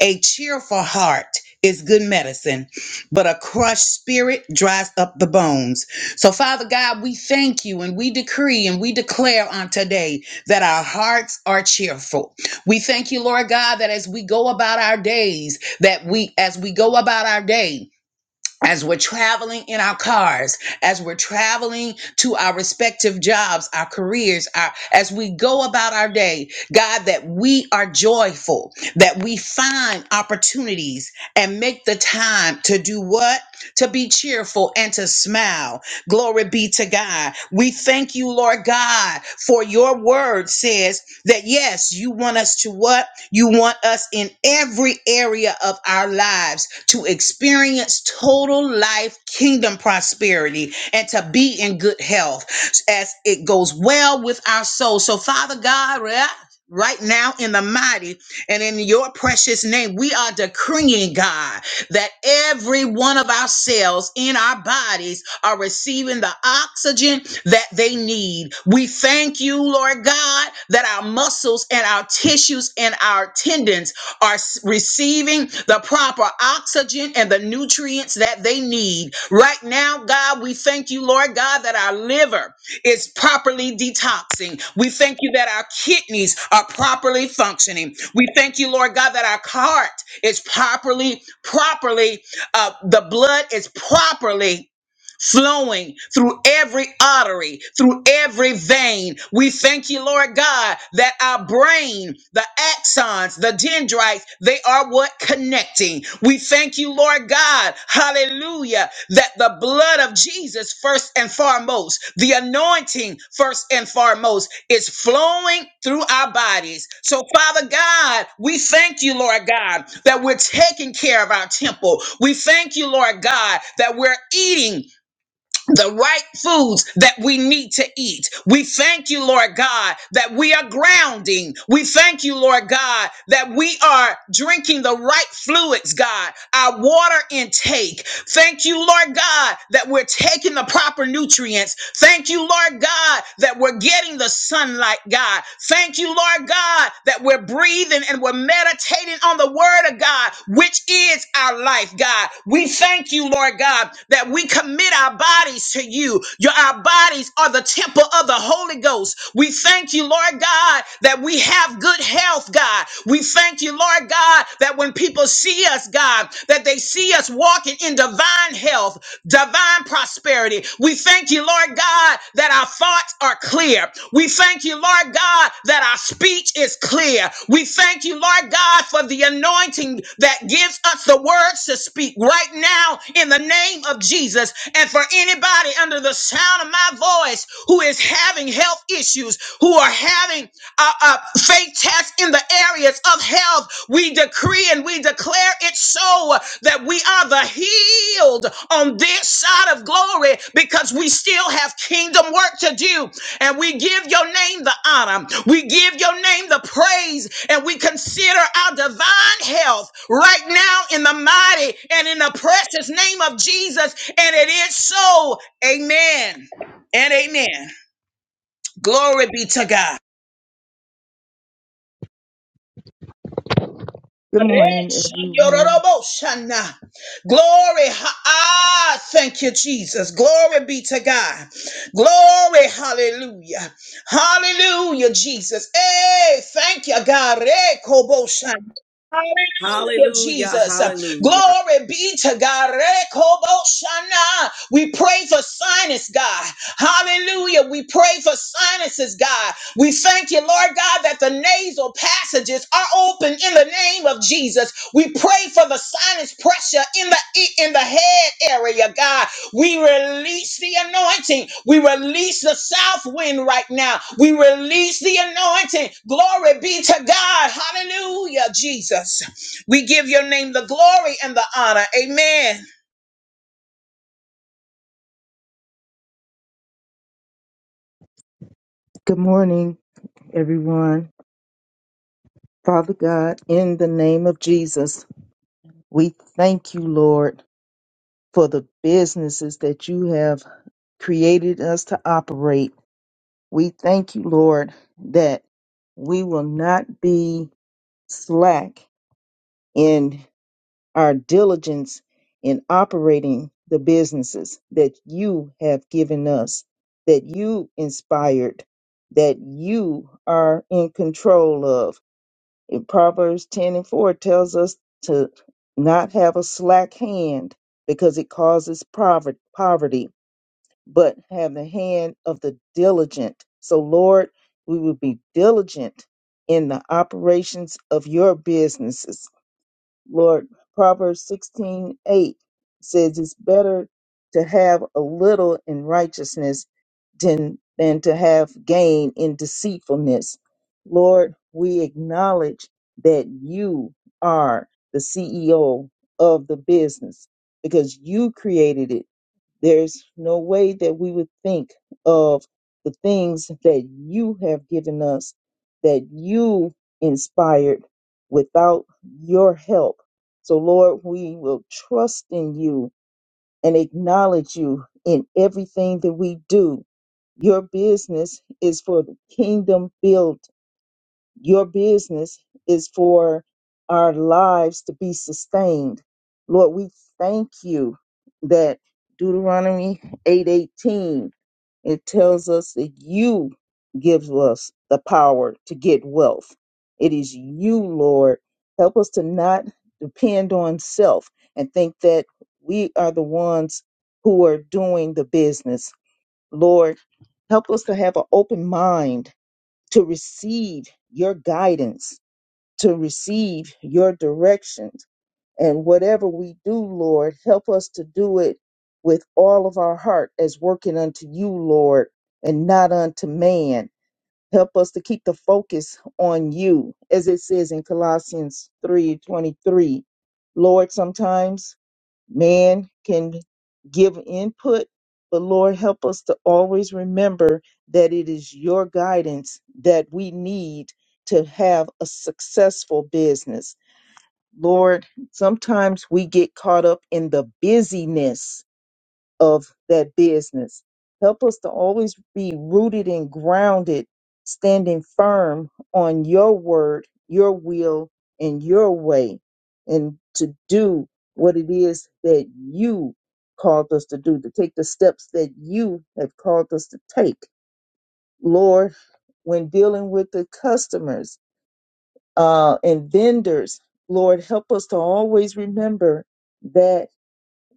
[SPEAKER 9] a cheerful heart is good medicine, but a crushed spirit dries up the bones. So, Father God, we thank you and we decree and we declare on today that our hearts are cheerful. We thank you, Lord God, that as we go about our days, that we, as we go about our day, as we're traveling in our cars, as we're traveling to our respective jobs, our careers, our, as we go about our day, God, that we are joyful, that we find opportunities and make the time to do what? To be cheerful and to smile. Glory be to God. We thank you, Lord God, for your word says that yes, you want us to what? You want us in every area of our lives to experience total life kingdom prosperity and to be in good health as it goes well with our soul. So, Father God, right right now in the mighty and in your precious name, we are decreeing, God, that every one of our cells in our bodies are receiving the oxygen that they need. We thank you, Lord God, that our muscles and our tissues and our tendons are s- receiving the proper oxygen and the nutrients that they need. Right now, God, we thank you, Lord God, that our liver is properly detoxing. We thank you that our kidneys are properly functioning. We thank you, Lord God, that our heart is properly, properly, uh, the blood is properly flowing through every artery, through every vein. We thank you, Lord God, that our brain, the axons, the dendrites, they are what connecting. We thank you, Lord God, hallelujah, that the blood of Jesus, first and foremost, the anointing, first and foremost, is flowing through our bodies. So, Father God, we thank you, Lord God, that we're taking care of our temple. We thank you, Lord God, that we're eating the right foods that we need to eat. We thank you, Lord God, that we are grounding. We thank you, Lord God, that we are drinking the right fluids, God. Our water intake, Thank you, Lord God, that we're taking the proper nutrients. Thank you, Lord God, that we're getting the sunlight, God. Thank you, Lord God, that we're breathing and we're meditating on the word of God, which is our life, God. We thank you, Lord God, that we commit our bodies to you. Your our bodies are the temple of the Holy Ghost. We thank you, Lord God, that we have good health, God. We thank you, Lord God, God, that when people see us, God, that they see us walking in divine health, divine prosperity. We thank you, Lord God, that our thoughts are clear. We thank you, Lord God, that our speech is clear. We thank you, Lord God, for the anointing that gives us the words to speak right now in the name of Jesus. And for anybody under the sound of my voice who is having health issues, who are having uh, uh, faith tests in the areas of health. We decree and we declare it so that we are the healed on this side of glory because we still have kingdom work to do. And we give your name the honor. We give your name the praise and we consider our divine health right now in the mighty and in the precious name of Jesus. And it is so. Amen and amen. Glory be to God.
[SPEAKER 10] Good morning, everyone.
[SPEAKER 9] Yororobosana. Glory. ha- Ah, thank you, Jesus. Glory be to God. Glory. Hallelujah. Hallelujah, Jesus. Hey, thank you, God. Re kobosana. Hallelujah,
[SPEAKER 1] Hallelujah.
[SPEAKER 9] Jesus.
[SPEAKER 1] Hallelujah.
[SPEAKER 9] Glory be to God. Re kobosana. We pray for sinus, God. Hallelujah. We pray for sinuses, God. We thank you, Lord God, that the nasal passages are open in the name of Jesus. We pray for the sinus pressure in the in the head area, God. We release the anointing. We release the south wind right now. We release the anointing. Glory be to God. Hallelujah, Jesus. We give your name the glory and the honor. Amen.
[SPEAKER 10] Good morning, everyone. Father God, in the name of Jesus, we thank you, Lord, for the businesses that you have created us to operate. We thank you, Lord, that we will not be slack in our diligence in operating the businesses that you have given us, that you inspired, that you are in control of. In Proverbs 10 and 4 tells us to not have a slack hand because it causes pover- poverty, but have the hand of the diligent. So, Lord, we will be diligent in the operations of your businesses Lord, Proverbs sixteen eight says it's better to have a little in righteousness than, than to have gain in deceitfulness. Lord, we acknowledge that you are the CEO of the business because you created it there's no way that we would think of the things that you have given us, that you inspired without your help. So, Lord, we will trust in you and acknowledge you in everything that we do. Your business is for the kingdom building your business is for our lives to be sustained. Lord, we thank you that Deuteronomy 8:18 it tells us that you give us the power to get wealth. It is you, Lord. Help us to not depend on self and think that we are the ones who are doing the business. Lord, help us to have an open mind to receive your guidance, to receive your directions. And whatever we do, Lord, help us to do it with all of our heart as working unto you, Lord, and not unto man. Help us to keep the focus on you, as it says in Colossians three twenty three. Lord, sometimes Man can give input, but Lord, help us to always remember that it is your guidance that we need to have a successful business. Lord, sometimes we get caught up in the busyness of that business. Help us to always be rooted and grounded, standing firm on your word, your will, and your way, and to do what it is that you called us to do, to take the steps that you have called us to take. Lord, when dealing with the customers uh, and vendors, Lord, help us to always remember that.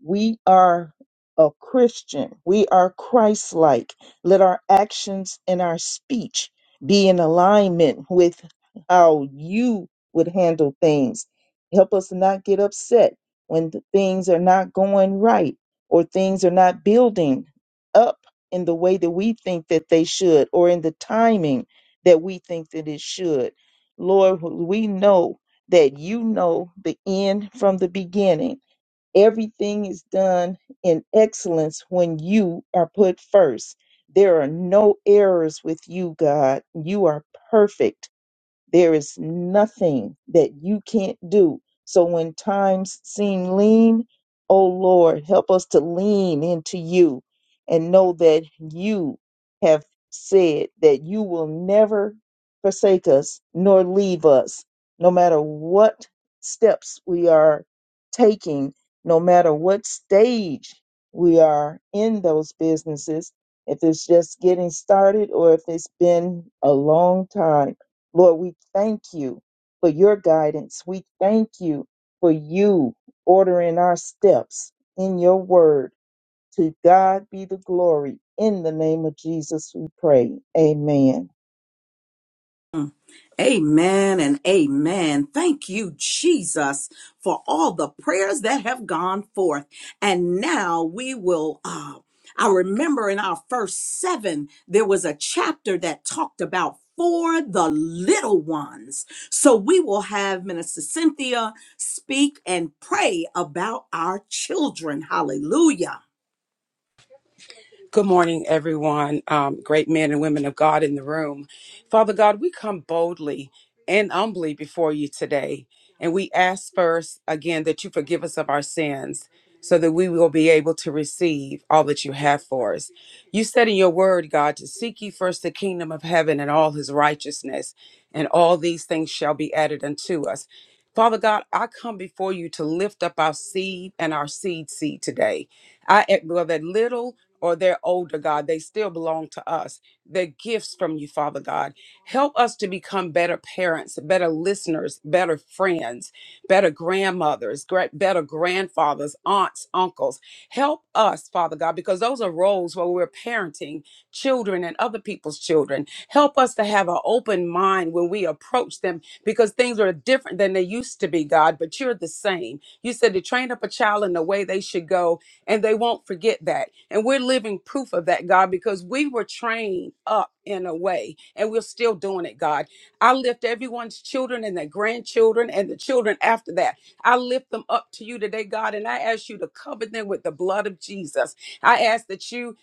[SPEAKER 10] We are a Christian. We are Christ like. Let our actions and our speech be in alignment with how you would handle things. Help us not get upset when th- things are not going right or things are not building up in the way that we think that they should or in the timing that we think that it should. Lord, we know that you know the end from the beginning Everything is done in excellence when you are put first. There are no errors with you, God. You are perfect there is nothing that you can't do. So when times seem lean, oh Lord, help us to lean into you and know that you have said that you will never forsake us nor leave us, no matter what steps we are taking, no matter what stage we are in those businesses, if it's just getting started or if it's been a long time Lord, we thank you for your guidance. We thank you for you ordering our steps in your word. To God be the glory. In the name of Jesus, we pray. Amen.
[SPEAKER 1] Mm. Amen and amen. Thank you, Jesus, for all the prayers that have gone forth. And now we will. Uh, I remember in our first seven, there was a chapter that talked about for the little ones. So we will have Minister Cynthia speak and pray about our children. Hallelujah.
[SPEAKER 11] Good morning, everyone. Um, great men and women of God in the room. Father God, we come boldly and humbly before you today. And we ask first, again, that you forgive us of our sins so that we will be able to receive all that you have for us. You said in your word, God, to seek ye first the kingdom of heaven and all his righteousness, and all these things shall be added unto us. Father God, I come before you to lift up our seed and our seed seed today. I, whether little or they're older, God. They still belong to us. They're gifts from you, Father God. Help us to become better parents, better listeners, better friends, better grandmothers, gra- better grandfathers, aunts, uncles. Help us, Father God, because those are roles where we're parenting children and other people's children. Help us to have an open mind when we approach them because things are different than they used to be, God, but you're the same. You said to train up a child in the way they should go, and they won't forget that. And we're living proof of that, God, because we were trained up in a way and we're still doing it, God. I lift everyone's children and their grandchildren and the children after that. I lift them up to you today, God, and I ask you to cover them with the blood of Jesus. I ask that you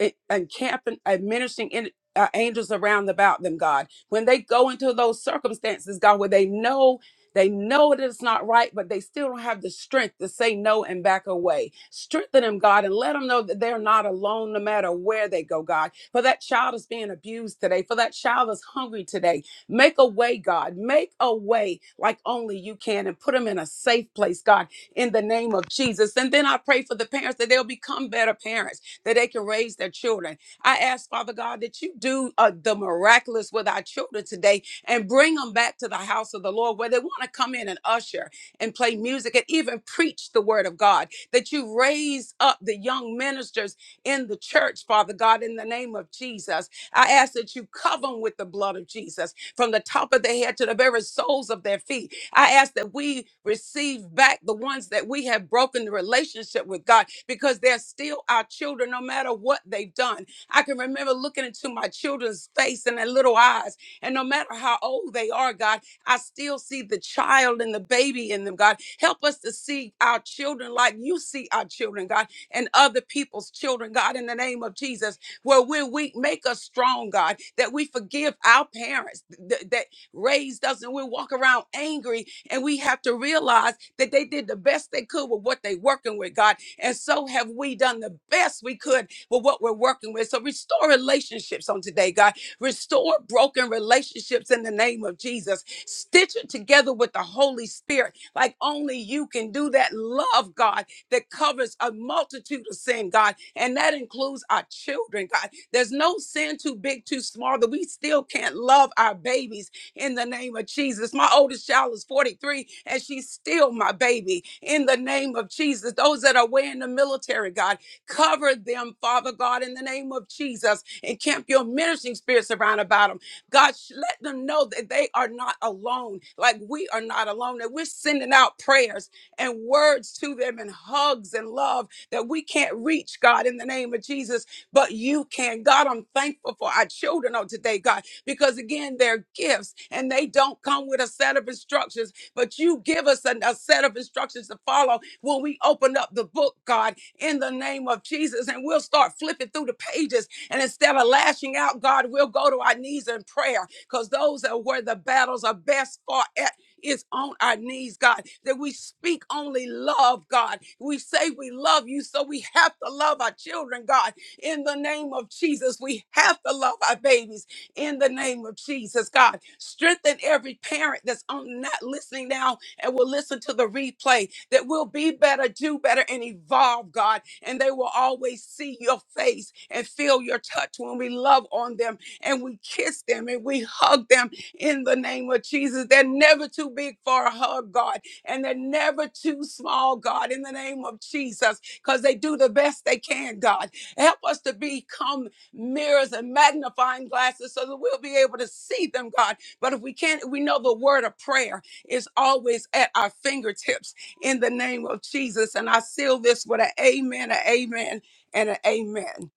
[SPEAKER 11] en- encamp and administering in, uh, angels around about them, God. When they go into those circumstances, God, where they know they know that it's not right, but they still don't have the strength to say no and back away. Strengthen them, God, and let them know that they're not alone no matter where they go, God. For that child is being abused today, for that child is hungry today. Make a way, God. Make a way like only you can and put them in a safe place, God, in the name of Jesus. And then I pray for the parents that they'll become better parents, that they can raise their children. I ask, Father God, that you do uh, the miraculous with our children today and bring them back to the house of the Lord where they want to come in and usher and play music and even preach the word of God. That you raise up the young ministers in the church, Father God, in the name of Jesus. I ask that you cover them with the blood of Jesus from the top of their head to the very soles of their feet. I ask that we receive back the ones that we have broken the relationship with God because they're still our children no matter what they've done. I can remember looking into my children's face and their little eyes and no matter how old they are, God, I still see the child and the baby in them, God. Help us to see our children like you see our children, God, and other people's children, God, in the name of Jesus. Where we're weak, make us strong, God, that we forgive our parents th- that raised us and we walk around angry and we have to realize that they did the best they could with what they are working with, God. And so have we done the best we could with what we're working with. So restore relationships on today, God Restore broken relationships in the name of Jesus. Stitch it together with the Holy Spirit, like only you can do that. Love, God, that covers a multitude of sin, God, and that includes our children, God. There's no sin too big, too small that we still can't love our babies in the name of Jesus. My oldest child is 43, and she's still my baby in the name of Jesus. Those that are way in the military, God, Cover them, Father God, in the name of Jesus. And camp your ministering spirits around about them. God, sh- let them know that they are not alone, like we are not alone, that we're sending out prayers and words to them and hugs and love that we can't reach, God, in the name of Jesus, but you can. God, I'm thankful for our children on today, God, because again, they're gifts and they don't come with a set of instructions, but you give us a, a set of instructions to follow when we open up the book, God in the name of Jesus. And we'll start flipping through the pages. And instead of lashing out, God, we'll go to our knees in prayer because those are where the battles are best fought at. Is on our knees, God, that we speak only love, God. We say we love you, so we have to love our children, God, in the name of Jesus. We have to love our babies in the name of Jesus, God. Strengthen every parent that's on not listening now and will listen to the replay, that we'll be better, do better, and evolve, God. And they will always see your face and feel your touch when we love on them and we kiss them and we hug them in the name of Jesus. They're never too big for a hug, God, and they're never too small, God, in the name of Jesus, because they do the best they can, God. Help us to become mirrors and magnifying glasses so that we'll be able to see them, God. But if we can't, we know the word of prayer is always at our fingertips in the name of Jesus. And I seal this with an amen, an amen, and an amen.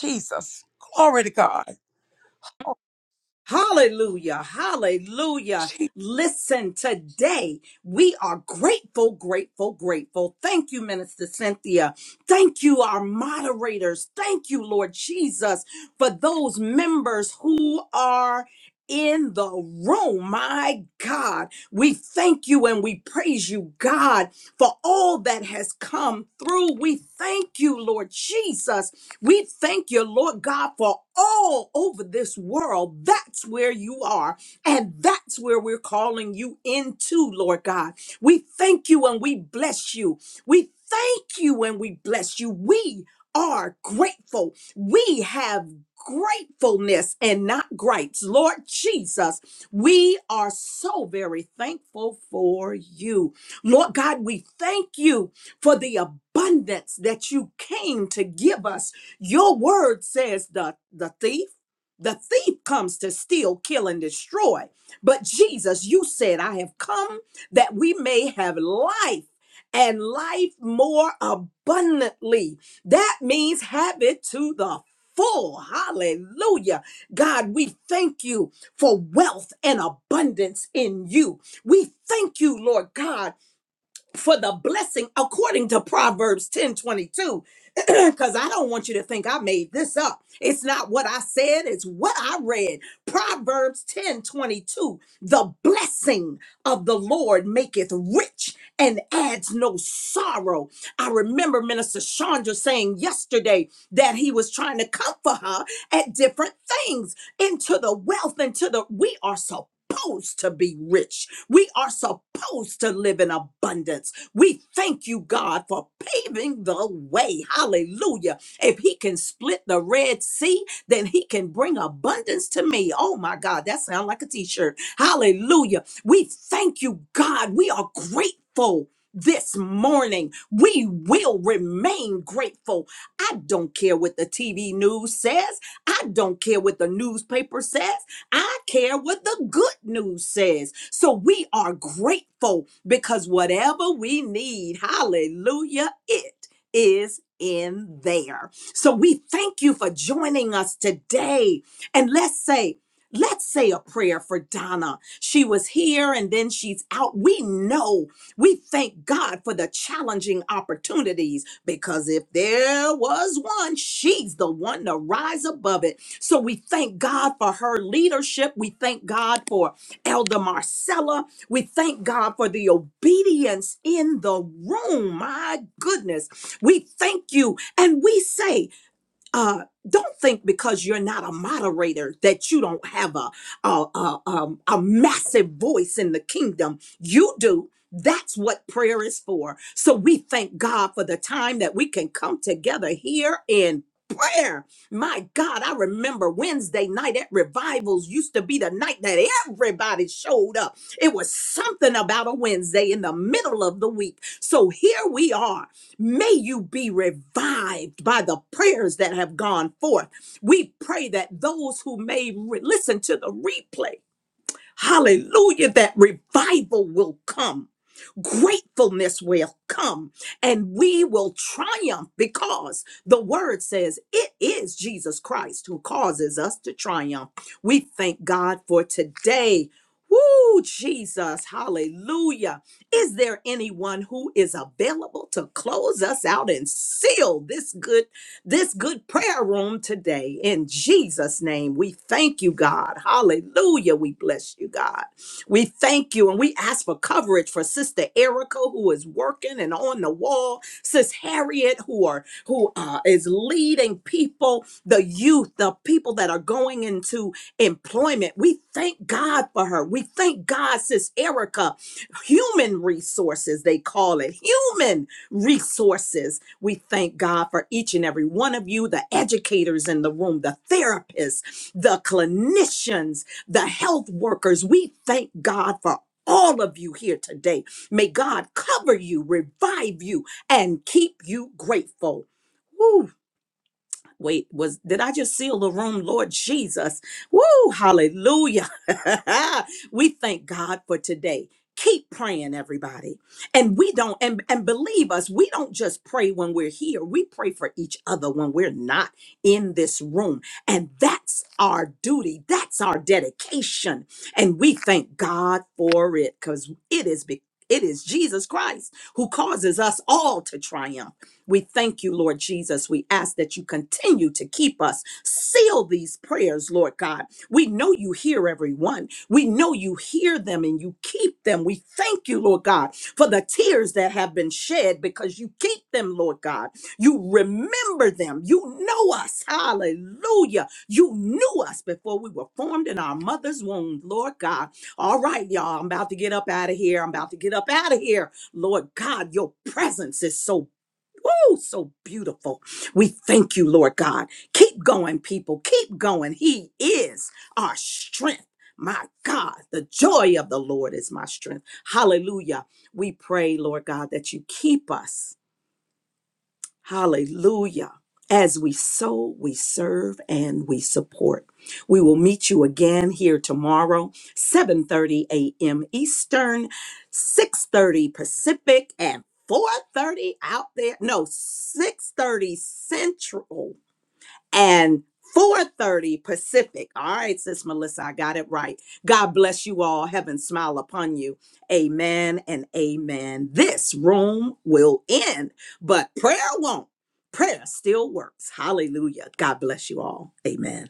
[SPEAKER 11] Jesus. Glory to God.
[SPEAKER 1] Hallelujah. Hallelujah. Listen, today we are grateful, grateful, grateful. Thank you, Minister Cynthia. Thank you, our moderators. Thank you, Lord Jesus, for those members who are in the room. My God, we thank you and we praise you, God for all that has come through. We thank you, Lord Jesus. We thank you, Lord God, for all over this world. That's where you are, and that's where we're calling you into, Lord God. We thank you and we bless you. We thank you and we bless you. We are grateful. We have gratefulness and not gripes. Lord Jesus, we are so very thankful for you. Lord God, we thank you for the abundance that you came to give us. Your word says the, the thief. The thief comes to steal, kill, and destroy. But Jesus, you said, I have come that we may have life and life more abundantly. That means have it to the full. Hallelujah. God, we thank you for wealth and abundance in you. We thank you, Lord God, for the blessing according to Proverbs 10 22, [CLEARS THROAT] Because I don't want you to think I made this up. It's not what I said, it's what I read. Proverbs 10 22: The blessing of the Lord maketh rich and adds no sorrow. I remember Minister Chandra saying yesterday that he was trying to comfort her at different things into the wealth, into the we are supposed to be rich we are supposed to live in abundance. We thank you, God, for paving the way. Hallelujah. If He can split the Red Sea, then He can bring abundance to me. Oh, my God, that sounds like a t shirt. Hallelujah. We thank you, God. We are grateful. This morning, we will remain grateful. I don't care what the TV news says. I don't care what the newspaper says. I care what the good news says. So we are grateful because whatever we need, hallelujah, it is in there. So we thank you for joining us today. And let's say, Let's say a prayer for Donna. She was here and then she's out. We know we thank God for the challenging opportunities because if there was one, she's the one to rise above it. So we thank God for her leadership. We thank God for Elder Marcella. We thank God for the obedience in the room. My goodness. We thank you and we say, uh, don't think because you're not a moderator that you don't have a a, a, um, a massive voice in the kingdom. You do. That's what prayer is for. So we thank God for the time that we can come together here in prayer. My God, I remember Wednesday night at revivals used to be the night that everybody showed up. It was something about a Wednesday in the middle of the week. So here we are May you be revived by the prayers that have gone forth. We pray that those who may re- listen to the replay, hallelujah, that revival will come Gratefulness will come and we will triumph because the word says it is Jesus Christ who causes us to triumph. We thank God for today. Woo, Jesus, hallelujah. Is there anyone who is available to close us out and seal this good this good prayer room today? In Jesus name, we thank you, God. Hallelujah. We bless you, God. We thank you and we ask for coverage for Sister Erica, who is working and on the wall, Sis Harriet, who are who uh, is leading people, the youth, the people that are going into employment. We thank God for her. We thank God, Sis Erica, human resources, they call it human resources. We thank God for each and every one of you, the educators in the room, the therapists, the clinicians, the health workers. We thank God for all of you here today. May God cover you, revive you, and keep you grateful. Woo. Wait, was did I just seal the room, Lord Jesus? Woo, hallelujah. [LAUGHS] we thank God for today. Keep praying, everybody. And we don't, and, and believe us, we don't just pray when we're here. We pray for each other when we're not in this room. And that's our duty. That's our dedication. And we thank God for it because it is be- it is Jesus Christ who causes us all to triumph. We thank you, Lord Jesus. We ask that you continue to keep us. Seal these prayers, Lord God. We know you hear everyone. We know you hear them and you keep them. We thank you, Lord God, for the tears that have been shed because you keep them, Lord God. You remember them. You know us. Hallelujah. You knew us before we were formed in our mother's womb, Lord God. All right, y'all. I'm about to get up out of here. I'm about to get up out of here. Lord God, your presence is so Oh, so beautiful. We thank you, Lord God. Keep going, people. Keep going. He is our strength. My God, the joy of the Lord is my strength. Hallelujah. We pray, Lord God, that you keep us. Hallelujah. As we sow, we serve and we support. We will meet you again here tomorrow, 7:30 a.m. Eastern, 6:30 Pacific and 4:30 out there. No, 6:30 Central and 4:30 Pacific. All right, sis Melissa, I got it right. God bless you all. Heaven smile upon you. Amen and amen. This room will end, but prayer won't. Prayer still works. Hallelujah. God bless you all. Amen.